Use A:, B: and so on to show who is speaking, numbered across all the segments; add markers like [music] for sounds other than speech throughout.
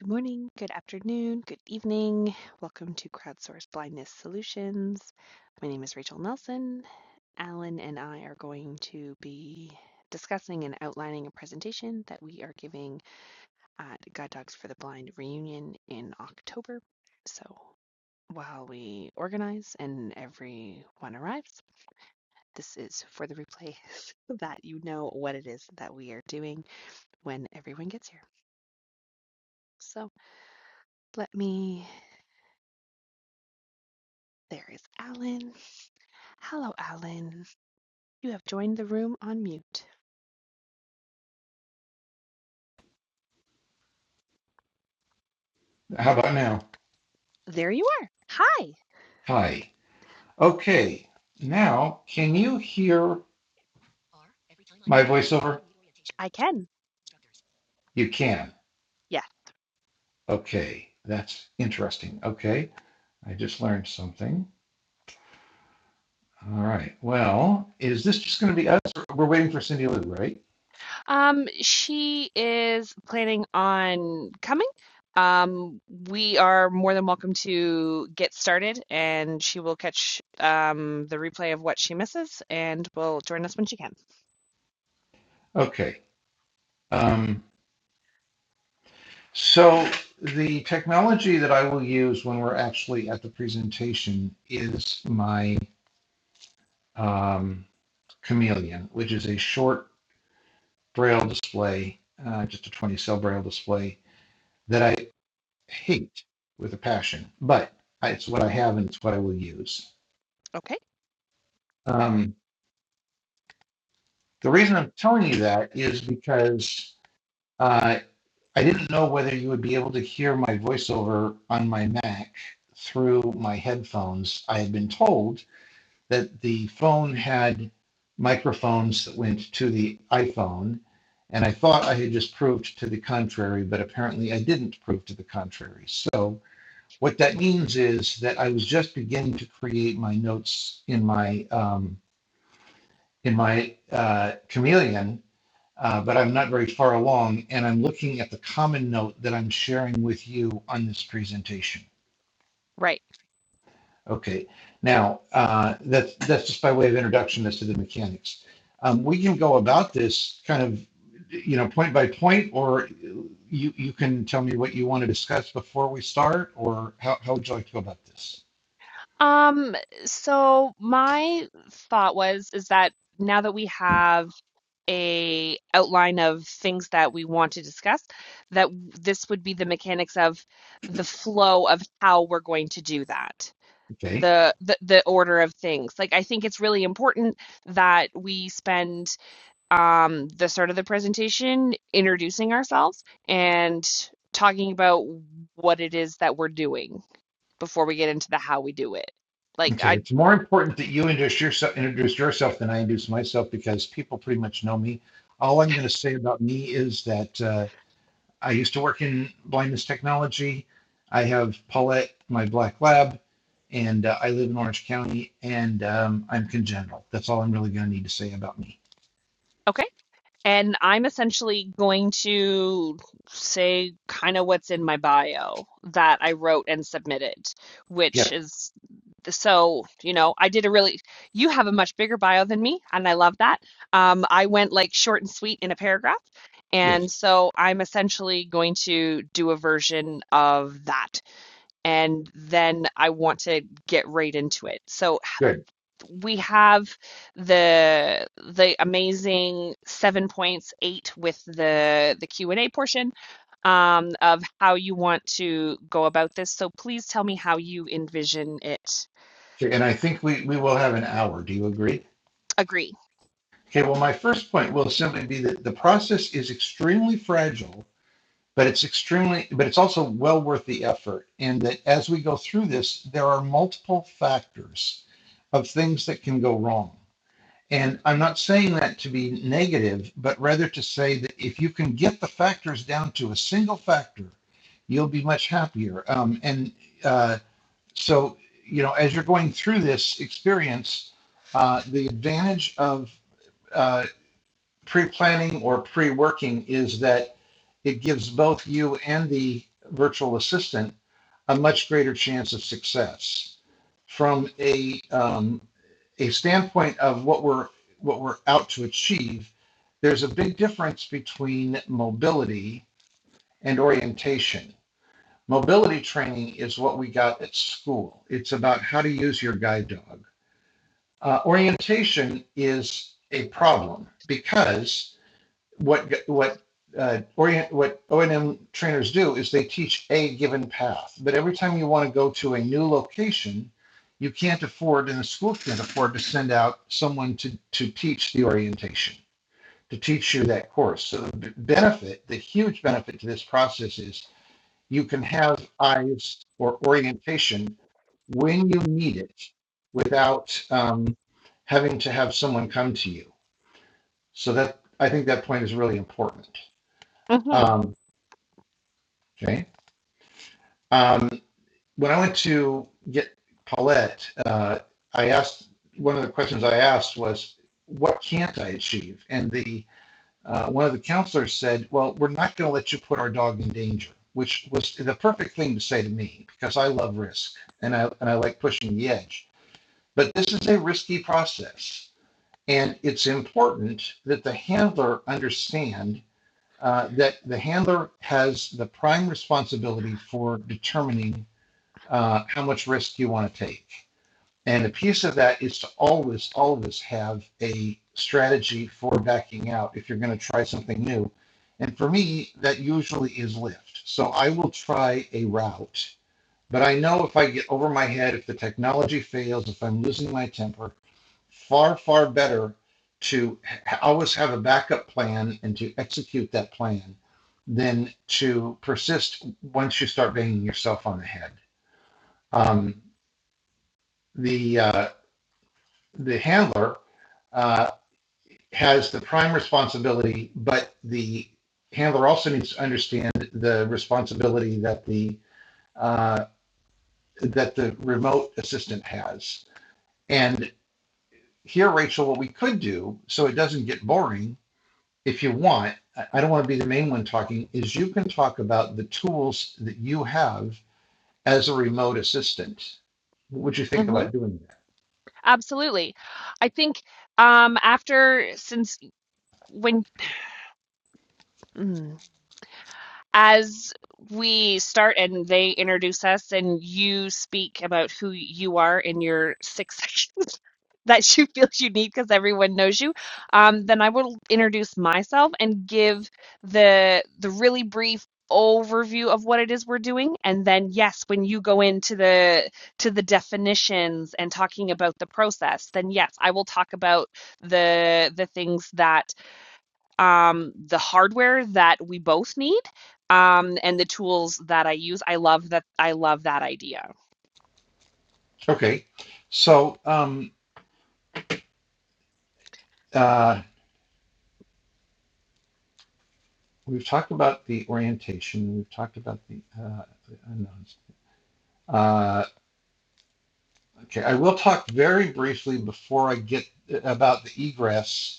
A: Good morning, good afternoon, good evening. Welcome to Crowdsourced Blindness Solutions. My name is Rachel Nelson. Alan and I are going to be discussing and outlining a presentation that we are giving at Guide Dogs for the Blind reunion in October. So while we organize and everyone arrives, this is for the replay [laughs] so that you know what it is that we are doing when everyone gets here. So let me, there is Alan. Hello, Alan. You have joined the room on mute.
B: How about now?
A: There you are. Hi.
B: Hi. Okay. Now, can you hear my voiceover?
A: I can.
B: You can.
A: Yeah.
B: Okay. That's interesting. Okay. I just learned something. All right. Well, is this just going to be us? We're waiting for Cindy Lou, right?
A: Um, she is planning on coming. Um, we are more than welcome to get started, and she will catch um the replay of what she misses and will join us when she can.
B: Okay. Um, so the technology that I will use when we're actually at the presentation is my um, Chameleon, which is a short braille display, uh, just a 20 cell braille display that I hate with a passion, but it's what I have and it's what I will use.
A: Okay?
B: Um, the reason I'm telling you that is because uh, I didn't know whether you would be able to hear my voiceover on my Mac through my headphones. I had been told that the phone had microphones that went to the iPhone. And I thought I had just proved to the contrary, but apparently I didn't prove to the contrary. So what that means is that I was just beginning to create my notes in my um, in my uh, Chameleon, uh, but I'm not very far along, and I'm looking at the common note that I'm sharing with you on this presentation.
A: Right.
B: Okay, now, uh, that's, that's just by way of introduction as to the mechanics. Um, we can go about this kind of, you know, point by point, or you, you can tell me what you want to discuss before we start, or how, how would you like to go about this?
A: Um, so my thought was is that now that we have a outline of things that we want to discuss that this would be the mechanics of the flow of how we're going to do that
B: Okay,
A: the, the the order of things like i think it's really important that we spend um the start of the presentation introducing ourselves and talking about what it is that we're doing before we get into the how we do it like
B: okay,
A: i
B: it's more important that you introduce yourself, introduce yourself than I introduce myself, because people pretty much know me. All I'm going to say about me is that, uh, I used to work in blindness technology. I have Paulette, my black lab, and uh, I live in Orange County, and um, I'm congenital. That's all I'm really going to need to say about me.
A: okay And I'm essentially going to say kind of what's in my bio that I wrote and submitted, which
B: Yes,
A: is so, you know, I did a really, you have a much bigger bio than me, and I love that. Um, I went like short and sweet in a paragraph.
B: yes,
A: And so I'm essentially going to do a version of that. And then I want to get right into it. So,
B: good.
A: we have the the amazing seven points eight with the the Q and A portion um, of how you want to go about this. So please tell me how you envision it.
B: Okay, and I think we, we will have an hour. Do you agree?
A: Agree.
B: Okay, well, my first point will simply be that the process is extremely fragile, but it's extremely, but it's also well worth the effort. And that as we go through this, there are multiple factors of things that can go wrong. And I'm not saying that to be negative, but rather to say that if you can get the factors down to a single factor, you'll be much happier. Um, and uh, so, you know, as you're going through this experience, uh, the advantage of uh, pre-planning or pre-working is that it gives both you and the virtual assistant a much greater chance of success from a um, a standpoint of what we're what we're out to achieve there's a big difference between mobility and orientation mobility training is what we got at school it's about how to use your guide dog uh, orientation is a problem because what what uh, orient what O and M trainers do is they teach a given path, but every time you want to go to a new location, you can't afford, and the school can't afford to send out someone to to teach the orientation to teach you that course. So the benefit, the huge benefit to this process is you can have eyes or orientation when you need it without um, having to have someone come to you. So that I think that point is really important.
A: hmm
B: Um, okay. Um, when I went to get Paulette, uh, I asked one of the questions I asked was, "What can't I achieve?" And the uh, one of the counselors said, "Well, we're not going to let you put our dog in danger," which was the perfect thing to say to me because I love risk and I and I like pushing the edge. But this is a risky process, and it's important that the handler understand uh, that the handler has the prime responsibility for determining uh, how much risk you want to take. And a piece of that is to always, always have a strategy for backing out if you're going to try something new. And for me, that usually is Lyft. So I will try a route, but I know if I get over my head, if the technology fails, if I'm losing my temper, far, far better to always have a backup plan and to execute that plan than to persist once you start banging yourself on the head. Um, the uh, the handler uh, has the prime responsibility, but the handler also needs to understand the responsibility that the uh, that the remote assistant has. And here, Rachel, what we could do so it doesn't get boring if you want, I don't want to be the main one talking, is you can talk about the tools that you have as a remote assistant. What would you think
A: hmm
B: about doing
A: Absolutely. I think um, after since when mm, as we start and they introduce us and you speak about who you are in your six [laughs] sections that you feel you need because everyone knows you um, then i will introduce myself and give the the really brief overview of what it is we're doing and then yes when you go into the to the definitions and talking about the process then yes i will talk about the the things that um, the hardware that we both need um, and the tools that I use. I love that. I love that idea.
B: that? Okay. So um, uh, we've talked about the orientation. We've talked about the uh, unknowns. Uh, okay. I will talk very briefly before I get uh, about the egress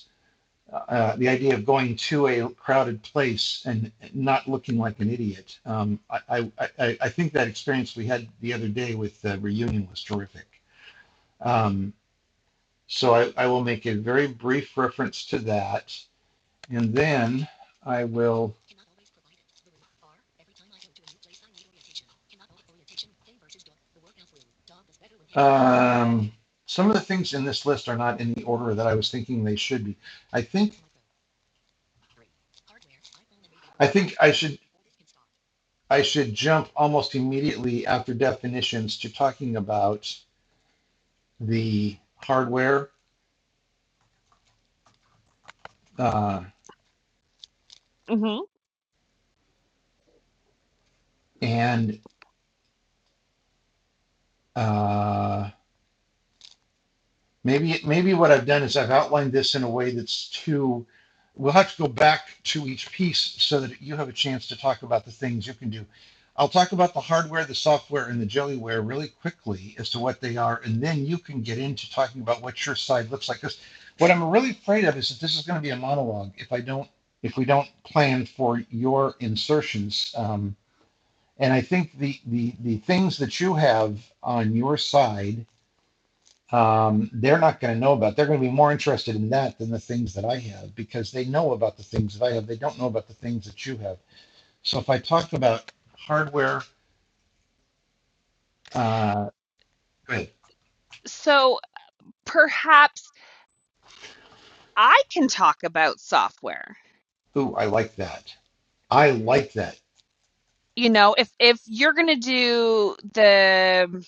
B: uh, the idea of going to a crowded place and not looking like an idiot. Um, I, I, I, think that experience we had the other day with the reunion was terrific. Um, so I, I will make a very brief reference to that, and then I will. Um, some of the things in this list are not in the order that I was thinking they should be. I think I think I should I should jump almost immediately after definitions to talking about the hardware uh,
A: hmm
B: and uh, Maybe, maybe what I've done is I've outlined this in a way that's too, we'll have to go back to each piece so that you have a chance to talk about the things you can do. I'll talk about the hardware, the software, and the jellyware really quickly as to what they are, and then you can get into talking about what your side looks like. Because what I'm really afraid of is that this is going to be a monologue if I don't, if we don't plan for your insertions. Um, and I think the, the the things that you have on your side um, they're not going to know about. They're going to be more interested in that than the things that I have because they know about the things that I have. They don't know about the things that you have. So if I talk about hardware, uh, good.
A: So perhaps I can talk about software.
B: Ooh, I like that. I like that.
A: You know, if if you're going to do the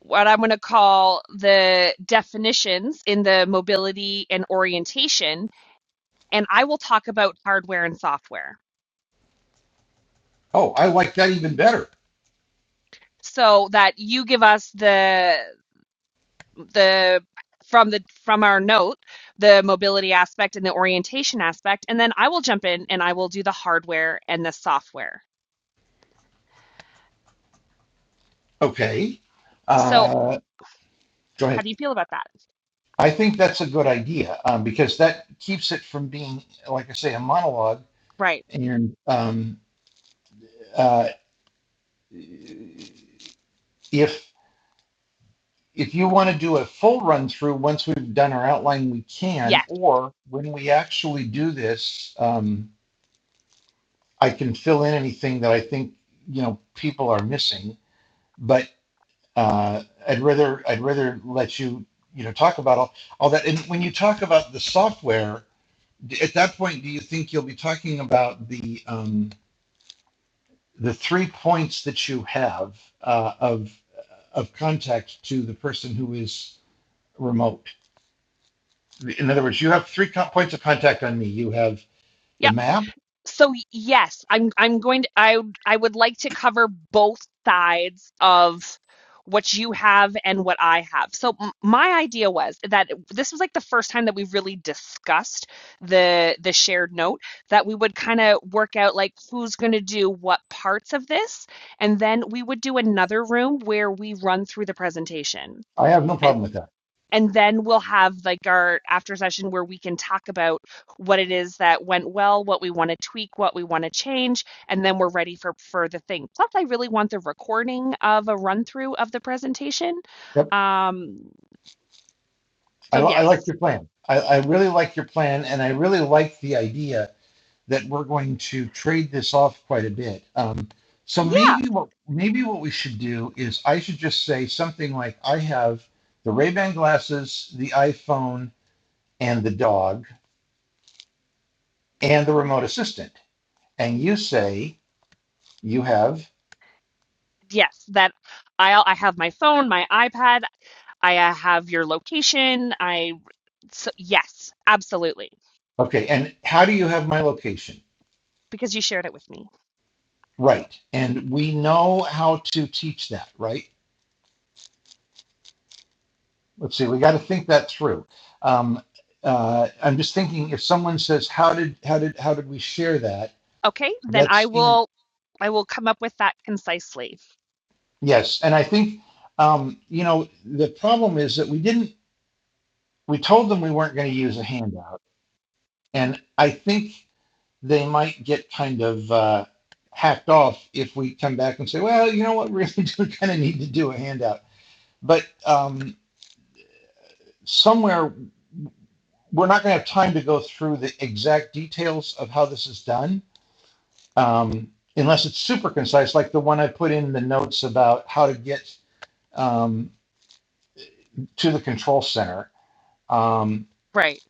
A: what I'm going to call the definitions in the mobility and orientation, and I will talk about hardware and software
B: Oh, I like that even better.
A: so that you give us the the from the from our note the mobility aspect and the orientation aspect and then I will jump in and I will do the hardware and the software.
B: Okay.
A: So
B: Uh, go
A: how
B: ahead.
A: do you feel about that?
B: I think that's a good idea um, because that keeps it from being, like I say, a monologue.
A: Right.
B: And um, uh, if if you want to do a full run through once we've done our outline, we can.
A: Yes.
B: Or when we actually do this, um, I can fill in anything that I think you know people are missing. But uh, I'd rather I'd rather let you you know talk about all, all that. And when you talk about the software, at that point, do you think you'll be talking about the um, the three points that you have uh, of of contact to the person who is remote? In other words, you have three co- points of contact on me. You have the
A: Yep.
B: map.
A: So yes, I'm I'm going to I I would like to cover both sides of what you have and what I have. So m my idea was that this was like the first time that we really discussed the the shared note that we would kind of work out like who's going to do what parts of this and then we would do another room where we run through the presentation.
B: I have no
A: And
B: problem with that.
A: and then we'll have like our after session where we can talk about what it is that went well, what we want to tweak, what we want to change, and then we're ready for for the thing. Plus, I really want the recording of a run through of the presentation.
B: Yep.
A: Um,
B: I,
A: so
B: I like
A: yes,
B: your plan. I, I really like your plan, and I really like the idea that we're going to trade this off quite a bit. Um, so
A: yeah,
B: maybe what maybe what we should do is I should just say something like I have the Ray Ban glasses, the iPhone, and the dog, and the remote assistant. And you say you have
A: yes, that I I have my phone, my iPad, I uh, have your location. I so, yes, absolutely,
B: okay. And how do you have my location?
A: because you shared it with me.
B: Right. And we know how to teach that, right? Let's see, we got to think that through. Um, uh, I'm just thinking if someone says, how did, how did, how did we share that?
A: Okay, then I
B: That's in,
A: will I will come up with that concisely.
B: yes. And I think, um, you know, the problem is that we didn't, we told them we weren't going to use a handout. And I think they might get kind of, uh, hacked off if we come back and say, well, you know what, [laughs] we really do kind of need to do a handout. But, um, somewhere we're not going to have time to go through the exact details of how this is done um, unless it's super concise, like the one I put in the notes about how to get um, to the control center. Um,
A: Right.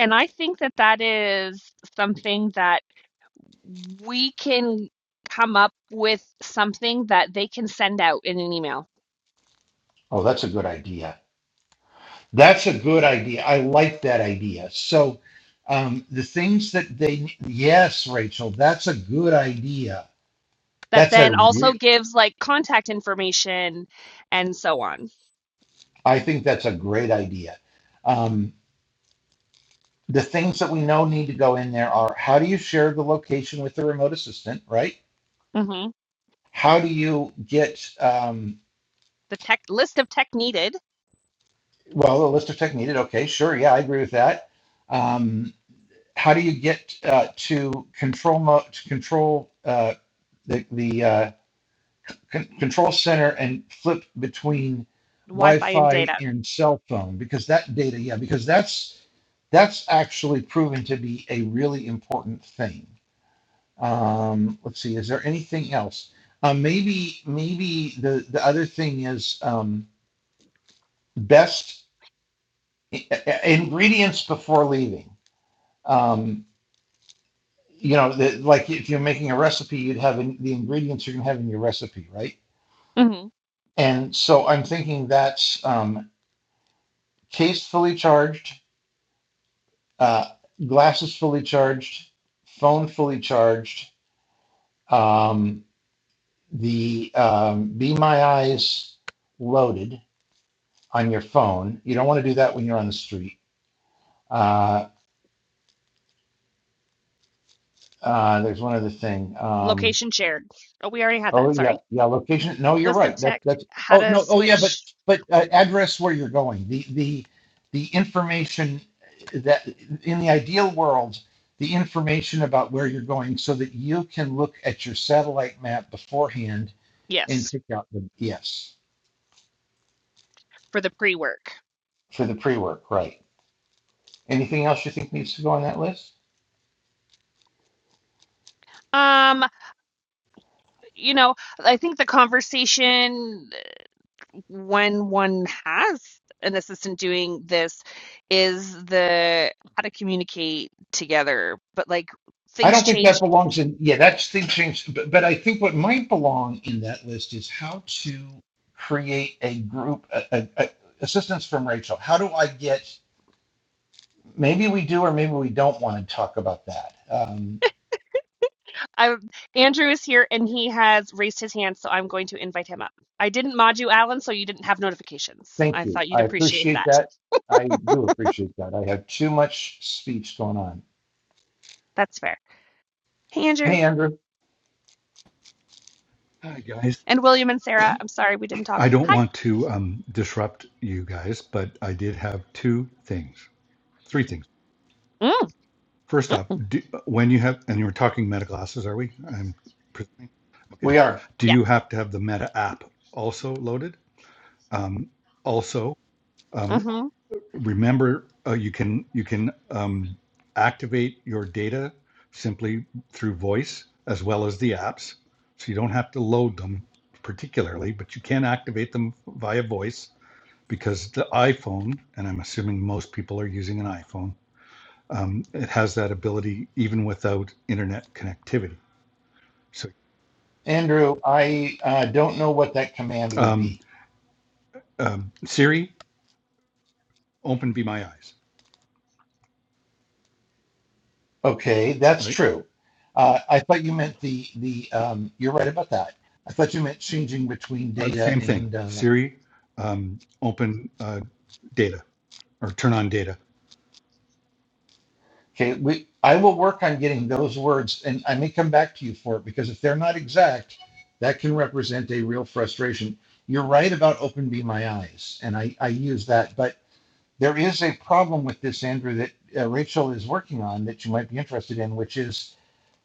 A: And I think that that is something that we can come up with something that they can send out in an email
B: oh, that's a good idea. That's a good idea. I like that idea. So um, the things that they, yes, Rachel, that's a good idea.
A: that
B: That's
A: then
B: a
A: also
B: real,
A: gives like contact information and so on.
B: I think that's a great idea. Um, The things that we know need to go in there are how do you share the location with the remote assistant, right?
A: hmm
B: How do you get, um,
A: The tech list of tech needed.
B: well, the list of tech needed. Okay, sure. Yeah, I agree with that. Um, how do you get uh, to control mo- to control uh, the, the uh, con- control center and flip between
A: Wi-Fi and
B: Wi-Fi
A: data.
B: and cell phone because that data, yeah, because that's that's actually proven to be a really important thing. Um, let's see, is there anything else? Um, maybe, maybe the, the other thing is um, best ingredients before leaving. Um, you know, the, like if you're making a recipe, you'd have in, the ingredients you're going to have in your recipe, right?
A: hmm
B: And so I'm thinking that's um, case fully charged, uh, glasses fully charged, phone fully charged, um, the um, Be My Eyes loaded on your phone. You don't want to do that when you're on the street. Uh, uh, there's one other thing. Um,
A: Location shared. Oh, we already had
B: oh
A: that.
B: yeah,
A: Sorry.
B: yeah. Location. No, you're
A: List of
B: right. That
A: tech,
B: that's.
A: how
B: Oh
A: to
B: no. Oh yeah, but
A: switch.
B: but uh, address where you're going. The the the information that in the ideal world, the information about where you're going, so that you can look at your satellite map beforehand and
A: Yes,
B: pick out the yes
A: for the pre-work.
B: for the pre work. Right. Anything else you think needs to go on that list?
A: Um, you know, I think the conversation uh, when one has an assistant doing this is the how to communicate together, but like
B: I
A: things
B: don't think that
A: change.
B: belongs in, yeah, that's thing changed. But, but I think what might belong in that list is how to create a group, a, a, a- assistance from Rachel. How do I get, maybe we do or maybe we don't want to talk about that. Um,
A: I, Andrew is here and he has raised his hand, so I'm going to invite him up. I didn't mod you, Alan, so you didn't have notifications.
B: thank
A: I
B: you.
A: thought you'd
B: I
A: appreciate
B: appreciate
A: that.
B: that. I do appreciate that. I have too much speech going on.
A: That's fair. Hey, Andrew
B: Hey, Andrew,
C: Hi, guys.
A: and William and Sarah. I'm sorry we didn't talk.
C: I don't
A: Hi.
C: want to um, disrupt you guys, but I did have two things, three things.
A: Mm,
C: First off, do, when you have, and you were talking meta glasses, are we? I'm presuming. Okay.
B: we are.
C: Do
A: yeah.
C: you have to have the meta app also loaded? Um, also, um,
A: hmm
C: remember uh, you can you can um, activate your data simply through voice as well as the apps, so you don't have to load them particularly, but you can activate them via voice because the iPhone, and I'm assuming most people are using an iPhone, um, it has that ability even without internet connectivity. So
B: Andrew, I uh, don't know what that command would
C: um,
B: be.
C: um, Siri, open Be My Eyes,
B: Okay, that's
C: right?
B: true. Uh, I thought you meant the the. Um, you're right about that. I thought you meant changing between
C: Uh,
B: data
C: same thing.
B: and. Uh,
C: Siri, um, open uh, data or turn on data
B: okay, we. I will work on getting those words, and I may come back to you for it because if they're not exact, that can represent a real frustration. You're right about open be my eyes, and I I use that, but there is a problem with this, Andrew, that uh, Rachel is working on that you might be interested in, which is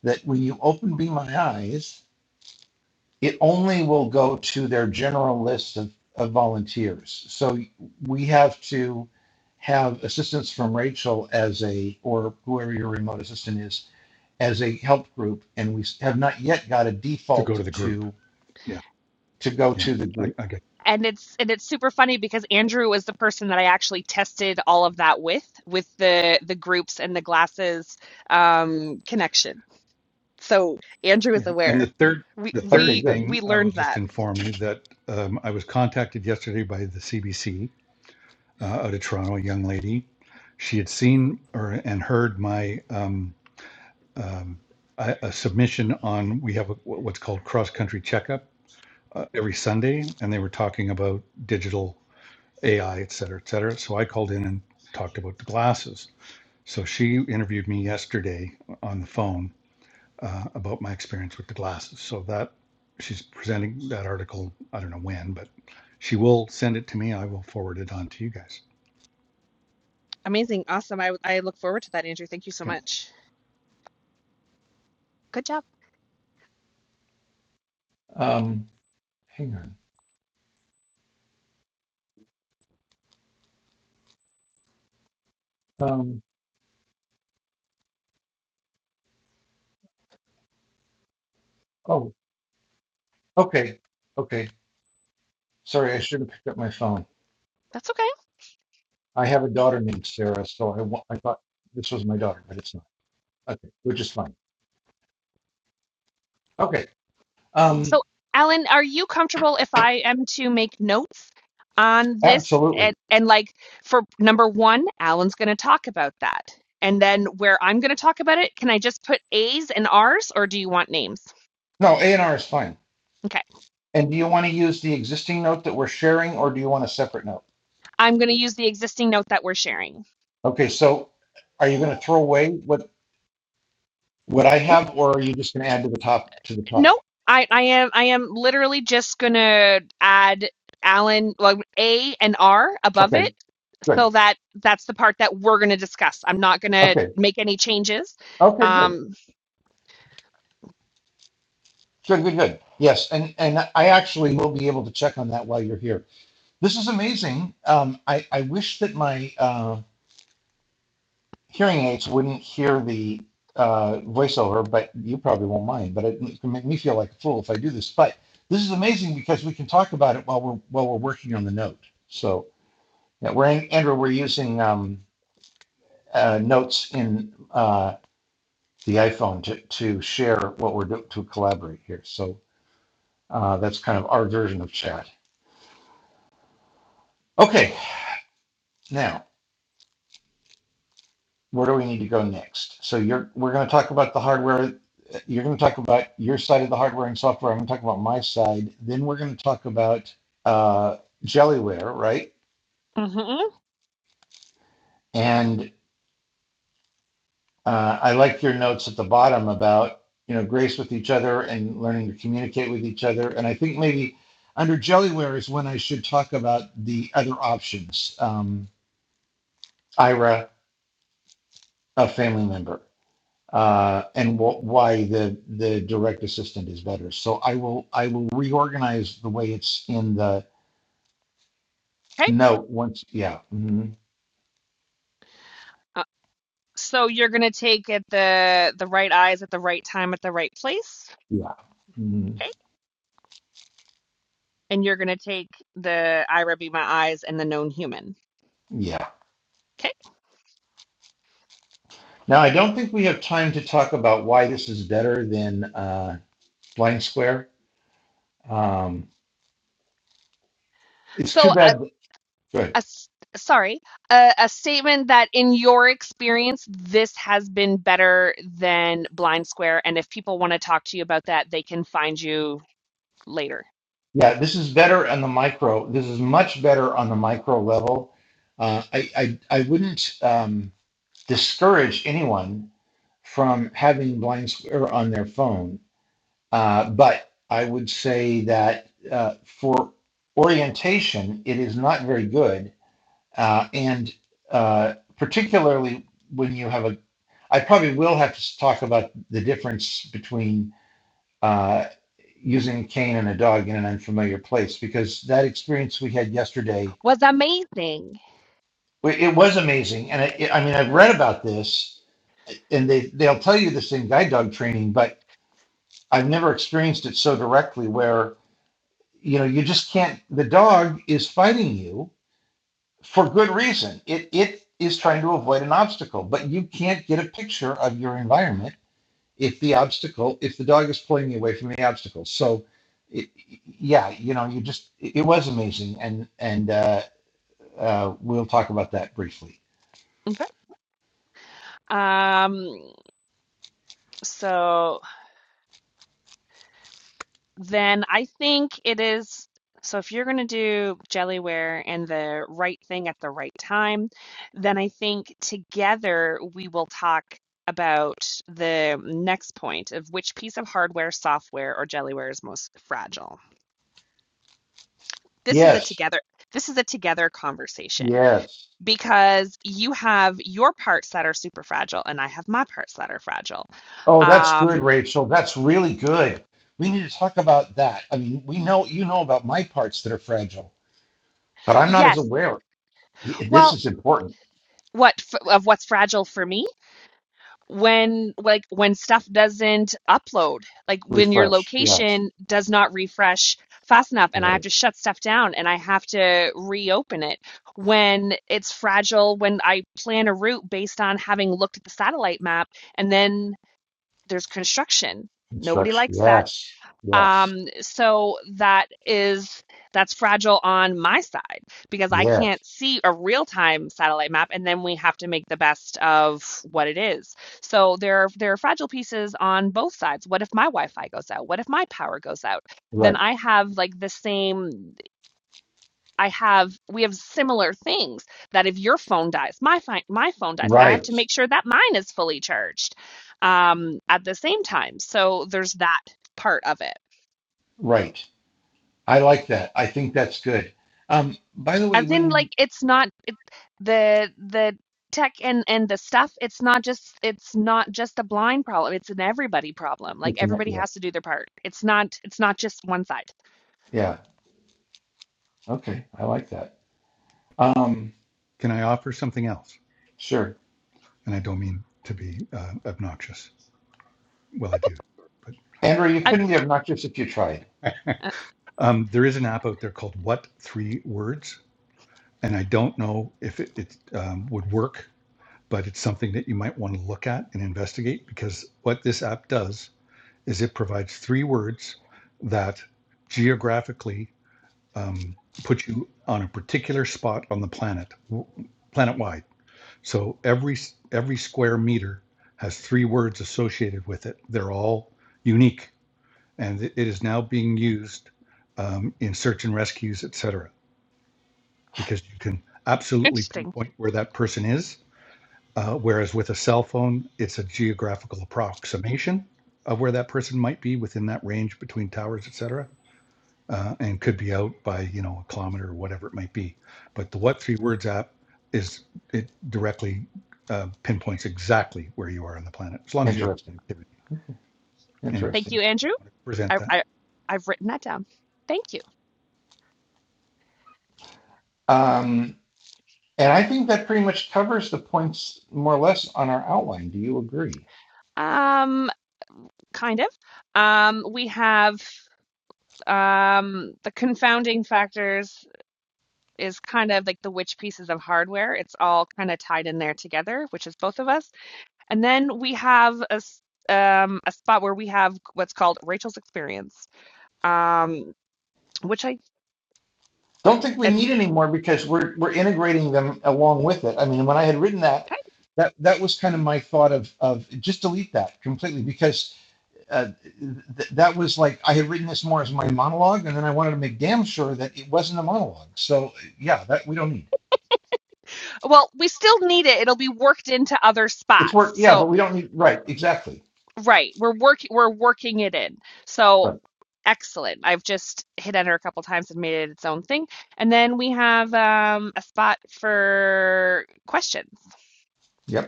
B: that when you open be my eyes. it only will go to their general list of, of volunteers. So we have to have assistance from Rachel as a, or whoever your remote assistant is, as a help group. And we have not yet got a
C: to go
B: default
C: to the group.
B: to,
C: Yeah,
B: to go
C: yeah,
B: to the
C: I,
B: group.
C: I get.
A: And it's and it's super funny because Andrew was the person that I actually tested all of that with, with the the groups and the glasses um, connection. So Andrew is
C: Yeah, and the
A: aware.
C: third,
A: We
C: the third
B: Okay,
A: we
B: good.
A: we
C: thing, I will
A: learned that.
C: just inform you that um, I was contacted yesterday by the CBC uh, out of Toronto, a young lady. She had seen or and heard my um, um, a, a submission on we have a, what's called cross country checkup uh, every Sunday, and they were talking about digital AI, et cetera, et cetera. So I called in and talked about the glasses. So she interviewed me yesterday on the phone uh, about my experience with the glasses. So that she's presenting that article. I don't know when, but she will send it to me. I will forward it on to you guys.
A: Amazing. Awesome. I, I look forward to that, Andrew. Thank you so
C: Okay.
A: much. Good job.
B: Um, hang on. Um, oh, okay. Okay. Sorry. I should have picked up my phone.
A: That's okay.
B: I have a daughter named Sarah. So I, I thought this was my daughter, but it's not. Okay. Which is fine. Okay. Um,
A: So, Alan, are you comfortable if I am to make notes on this?
B: Absolutely.
A: And, and like for number one, Alan's going to talk about that. And then where I'm going to talk about it, can I just put A's and R's or do you want names?
B: No, A and R is fine.
A: Okay.
B: And do you want to use the existing note that we're sharing or do you want a separate note?
A: I'm going to use the existing note that we're sharing.
B: Okay, so are you going to throw away what, what I
A: N-
B: have or are you just going to add to the top, to the top?
A: No, I, I am I am literally just going to add Alan like A and R above
B: Okay,
A: it so
B: good.
A: that that's the part that we're going to discuss. I'm not going to
B: Okay,
A: make any changes.
B: okay, good.
A: Um,
B: Good, good, good. Yes, and, and I actually will be able to check on that while you're here. This is amazing. Um, I, I wish that my, uh, hearing aids wouldn't hear the uh, voiceover, but you probably won't mind. But it, it can make me feel like a fool if I do this. But this is amazing because we can talk about it while we're while we're working on the note. So yeah, we're in, Andrew. We're using um, uh, notes in uh, the iPhone to to share what we're doing to collaborate here. So uh, that's kind of our version of chat. Okay, now. where do we need to go next? So you're we're going to talk about the hardware. You're going to talk about your side of the hardware and software. I'm going to talk about my side. Then we're going to talk about uh, Jellyware, right?
A: mhm.
B: And uh, I like your notes at the bottom about you know grace with each other and learning to communicate with each other. And I think maybe under Jellyware is when I should talk about the other options. Um, Ira, a family member. uh, and wh- why the the direct assistant is better. So I will I will reorganize the way it's in the
A: Okay.
B: note once. Yeah, mhm,
A: Uh, so you're gonna take at the the right eyes at the right time at the right place.
B: yeah, mhm,
A: Okay. And you're gonna take the Ira be my eyes and the known human.
B: yeah.
A: Okay.
B: Now I don't think we have time to talk about why this is better than uh, Blind Square. Um, it's too
A: So a,
B: bad.
A: a
B: Good.
A: s- sorry, a, a statement that in your experience this has been better than Blind Square, and if people want to talk to you about that, they can find you later.
B: Yeah, this is better on the micro. This is much better on the micro level. Uh, I, I I wouldn't um, discourage anyone from having Blind Square on their phone Uh, but I would say that uh, for orientation, it is not very good. Uh, and uh, particularly when you have a, I probably will have to talk about the difference between uh, using a cane and a dog in an unfamiliar place because that experience we had yesterday,
A: Was amazing.
B: it was amazing. And it, it, I mean, I've read about this and they, they'll tell you this in guide dog training, but I've never experienced it so directly where you know you just can't the dog is fighting you for good reason it it is trying to avoid an obstacle but you can't get a picture of your environment if the obstacle if the dog is pulling you away from the obstacle so it, yeah you know you just it, it was amazing and and uh, uh, we'll talk about that briefly
A: Mhm. Um, so Then I think it is. So if you're going to do jellyware and the right thing at the right time, then I think together we will talk about the next point of which piece of hardware, software, or jellyware is most fragile. This is a
B: yes
A: together this is a together conversation
B: yes
A: because you have your parts that are super fragile and I have my parts that are fragile.
B: oh that's good
A: Um,
B: rachel that's really good we need to talk about that i mean we know you know about my parts that are fragile but i'm not as
A: yes.
B: aware he- this
A: Well,
B: is important.
A: what f- of what's fragile for me? when like when stuff doesn't upload like when your
B: Refresh. Yes.
A: location does not refresh fast enough and i have
B: Yes.
A: to shut stuff down and i have to reopen it when it's fragile when i plan a route based on having looked at the satellite map and then there's construction nobody
B: Construction.
A: likes that
B: Yes. Yes.
A: um, so that is that's fragile on my side because I can't
B: Yes.
A: see a real-time satellite map, and then we have to make the best of what it is. So there are there are fragile pieces on both sides. What if my Wi-Fi goes out? What if my power goes out? Then
B: Right.
A: I have like the same. I have we have similar things that if your phone dies, my fi- my phone dies. I have to
B: Right.
A: make sure that mine is fully charged um, at the same time. So there's that part of it.
B: Right. I like that. I think that's good. Um, by the way,
A: as
B: when
A: in
B: we
A: like it's not it, the the tech and and the stuff it's not just it's not just a blind problem it's an everybody problem like
B: it's a net
A: everybody
B: yes.
A: has to do their part it's not it's not just one side
B: Yeah. Okay. I like that. Um,
C: Can I offer something else?
B: sure.
C: And I don't mean to be uh, obnoxious. Well, I do, but
B: Andrew, you
A: I,
C: um,
B: couldn't be obnoxious if you tried.
C: [laughs]
A: uh,
C: um, there is an app out there called What Three Words, and I don't know if it, it um, would work, but it's something that you might want to look at and investigate because what this app does is it provides three words that geographically um, put you on a particular spot on the planet, planet wide So every every square meter has three words associated with it. They're all unique, and it is now being used um, in search and rescues, et cetera, because you can absolutely
A: interesting
C: pinpoint where that person is. Uh, whereas with a cell phone, it's a geographical approximation of where that person might be within that range between towers, et cetera uh, and could be out by you know a kilometer or whatever it might be. But the What Three Words app is it directly uh, pinpoints exactly where you are on the planet as long as you have
B: Interesting.
C: connectivity. Anyway,
A: thank
B: Interesting.
A: you andrew
C: I want to present
A: I,
C: that.
A: I i've written that down thank you
B: Um, and I think that pretty much covers the points more or less on our outline. Do you agree?
A: um kind of um we have um the confounding factors is kind of like the which pieces of hardware it's all kind of tied in there together which is both of us And then we have a um, a spot where we have what's called Rachel's experience, um, which I
B: Don't think we
A: and
B: need anymore because we're we're integrating them along with it. I mean, when I had written that,
A: okay.
B: that that was kind of my thought of of just delete that completely because uh, th- that was like I had written this more as my monologue, and then I wanted to make damn sure that it wasn't a monologue. So yeah, that we don't need.
A: well, we still need it. It'll be worked into other
B: It's
A: spots.
B: work. Yeah,
A: So
B: but we don't need. Right, exactly.
A: right, we're working we're working it in. So
B: Right.
A: excellent. I've just hit enter a couple times and made it its own thing. And then we have um, a spot for questions.
B: Yep.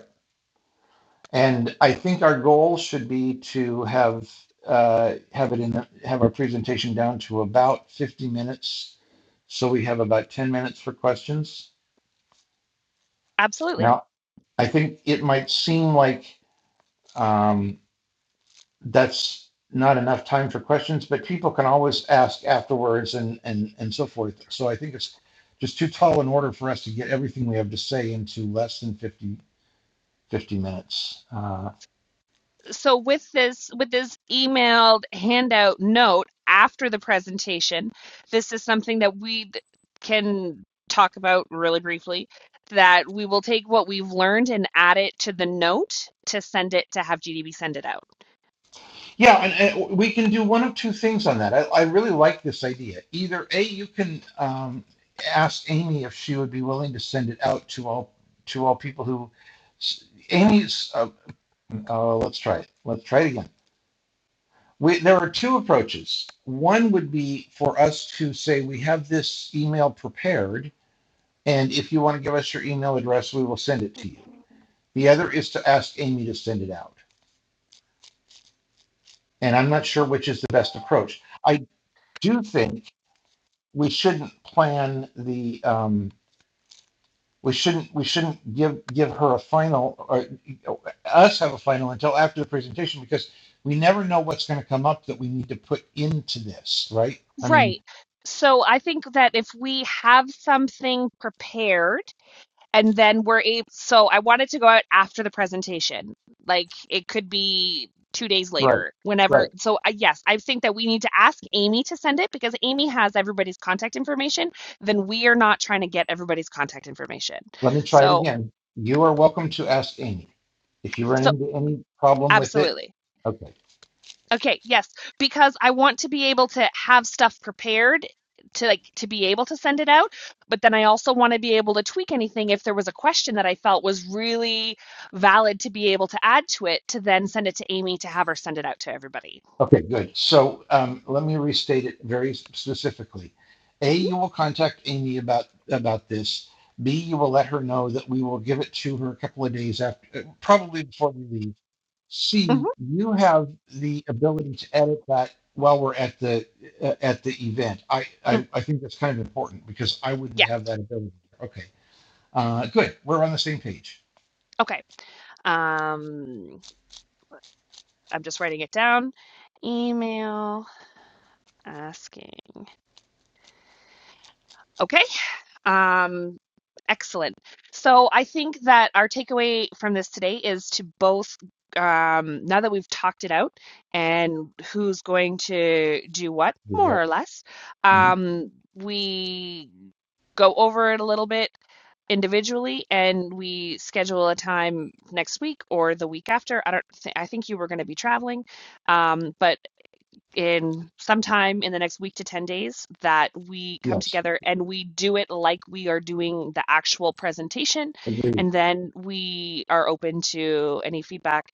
B: And I think our goal should be to have uh, have it in the, have our presentation down to about 50 minutes. So we have about 10 minutes for questions.
A: Absolutely.
B: Now, I think it might seem like um, that's not enough time for questions, but people can always ask afterwards and, and, and so forth. So I think it's just too tall an order for us to get everything we have to say into less than 50, 50 minutes. Uh,
A: So with this with this emailed handout note after the presentation, this is something that we d- can talk about really briefly that we will take what we've learned and add it to the note to send it to have GDB send it out.
B: Yeah, and, and we can do one of two things on that. I, I really like this idea. Either A, you can um, ask Amy if she would be willing to send it out to all to all people who. Amy's. Uh, uh, let's try it. Let's try it again. We, there are two approaches. One would be for us to say we have this email prepared, and if you want to give us your email address, we will send it to you. The other is to ask Amy to send it out, and I'm not sure which is the best approach. I do think we shouldn't plan the um, we shouldn't we shouldn't give give her a final or us have a final until after the presentation because we never know what's going to come up that we need to put into this right i mean
A: Right. So I think that if we have something prepared and then we're able so i wanted to go out after the presentation like it could be two days
B: right
A: later whenever
B: right
A: so I yes i think that we need to ask amy to send it because amy has everybody's contact information then we are not trying to get everybody's contact information
B: let me try it
A: so
B: again you are welcome to ask amy if you run
A: so
B: into any problem with it
A: absolutely
B: okay
A: Okay, yes, because I want to be able to have stuff prepared to like to be able to send it out, but then I also want to be able to tweak anything if there was a question that I felt was really valid to be able to add to it to then send it to Amy to have her send it out to everybody.
B: Okay, good. So um, let me restate it very specifically. A, you will contact Amy about about this. B, you will let her know that we will give it to her a couple of days after, uh, probably before we leave.
A: hmm
B: C, you have the ability to edit that while we're at the uh, at the event. I, I I think that's kind of important because I wouldn't
A: Yeah.
B: have that ability. Okay, uh, good. We're on the same page.
A: Okay. Um, I'm just writing it down. Email asking. Okay. Um, excellent. So I think that our takeaway from this today is to both, um, now that we've talked it out and who's going to do what,
B: Do
A: more
B: that.
A: or less,
B: Mhm.
A: um, we go over it a little bit individually and we schedule a time next week or the week after. I don't think, I think you were going to be traveling, um, but in sometime in the next week to 10 days that we come
B: Yes,
A: together and we do it like we are doing the actual presentation
B: agreed.
A: and then we are open to any feedback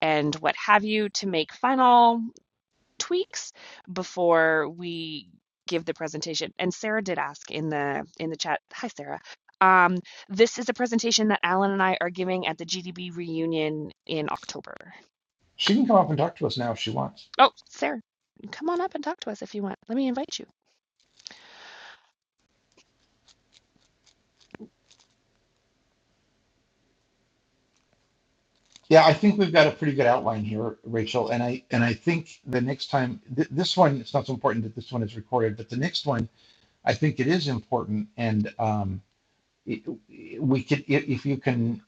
A: and what have you to make final tweaks before we give the presentation and sarah did ask in the in the chat hi sarah um, this is a presentation that alan and i are giving at the gdb reunion in october
B: She can come up and talk to us now if she wants.
A: oh sarah come on up and talk to us if you want let me invite you
B: Yeah, I think we've got a pretty good outline here, Rachel, and I and I think the next time th- this one, it's not so important that this one is recorded, but the next one, I think it is important, and um, it, we could if you can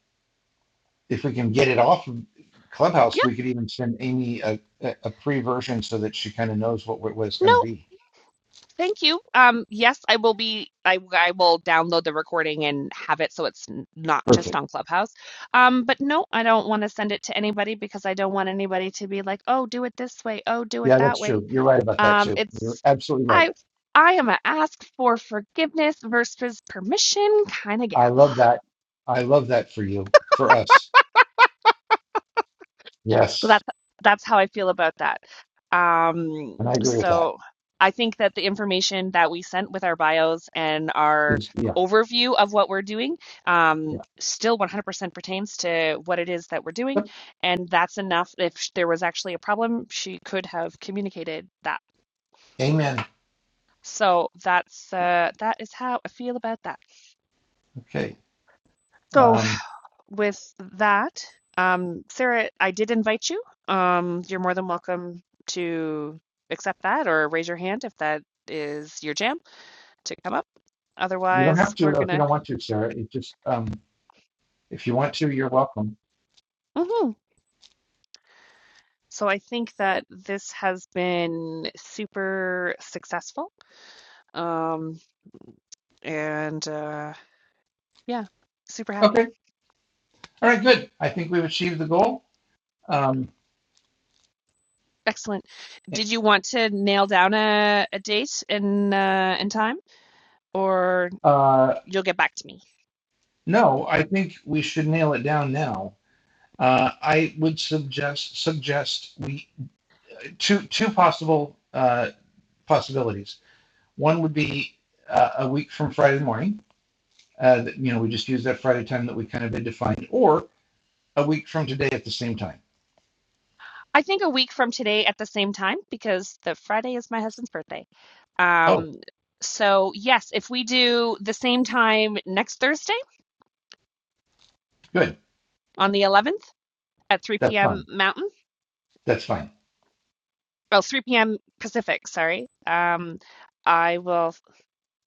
B: if we can get it off of Clubhouse,
A: Yeah,
B: we could even send Amy a, a, a pre version so that she kind of knows what what what it's going to
A: no,
B: be.
A: thank you. Um, yes, I will be. I I will download the recording and have it so it's n- not just
B: Perfect.
A: on Clubhouse. Um, but no, I don't want to send it to anybody because I don't want anybody to be like, "Oh, do it this way. Oh, do it
B: Yeah,
A: that
B: that's
A: way."
B: true. You're right about that
A: Um,
B: too. You're
A: it's
B: absolutely right.
A: I I am a ask for forgiveness versus permission kind of gal.
B: I love that. I love that for you, for us.
A: So
B: Yes,
A: that's that's how I feel about that. Um,
B: and I agree with that.
A: so I think that the information that we sent with our bios and our
B: Is yeah,
A: overview of what we're doing um,
B: yeah.
A: still 100% pertains to what it is that we're doing, and that's enough. If sh- there was actually a problem, she could have communicated that.
B: Amen.
A: So that's uh, that is how I feel about that.
B: Okay.
A: So
B: Um,
A: with that, um, Sarah, I did invite you. Um, you're more than welcome to accept that or raise your hand if that is your jam to come up.
B: you don't have
A: Otherwise,
B: to
A: we're
B: if you
A: gonna.
B: don't want to, Sarah. It just, um, if you want to, you're welcome.
A: Mhm. So I think that this has been super successful. Um, and uh, yeah, super happy.
B: Okay. All right. Good. I think we've achieved the goal. Um,
A: Excellent. Did you want to nail down a, a date and uh, and time, or
B: uh,
A: you'll get back to me?
B: no, I think we should nail it down now. Uh, I would suggest suggest we two two possible uh, possibilities. One would be uh, a week from Friday morning. Uh, that, you know, we just use that Friday time that we kind of had defined, or a week from today at the same time.
A: I think a week from today at the same time because the Friday is my husband's birthday.
B: Oh,
A: Um, so yes, if we do the same time next Thursday
B: good.
A: on the 11th at 3
B: That's fun.
A: p.m. Mountain,
B: That's fine.
A: well, 3 p.m. Pacific, sorry. Um, I will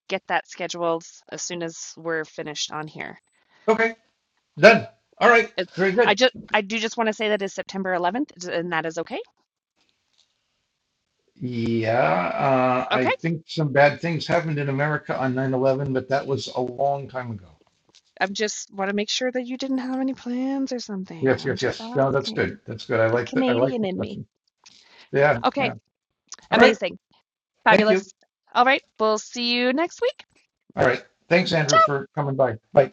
A: get that scheduled as soon as we're finished on here.
B: Okay, done. All right,
A: It,
B: very good.
A: I just I do just want to say that is September 11th and that is okay.
B: Yeah, uh, I
A: Okay.
B: think some bad things happened in America on nine eleven, but that was a long time ago.
A: I'm just want to make sure that you didn't have any plans or something.
B: Yes,
A: I'm
B: yes,
A: just
B: yes. No, that's good.
A: asking.
B: That's good. I
A: The
B: like the I like
A: Canadian
B: the
A: in me.
B: question. Yeah,
A: Okay,
B: yeah. All right.
A: amazing,
B: Thank you.
A: fabulous. All right, we'll see you next week.
B: All right. Thanks, Andrew,
A: Ciao,
B: for coming by. Bye.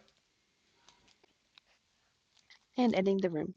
A: and ending the room.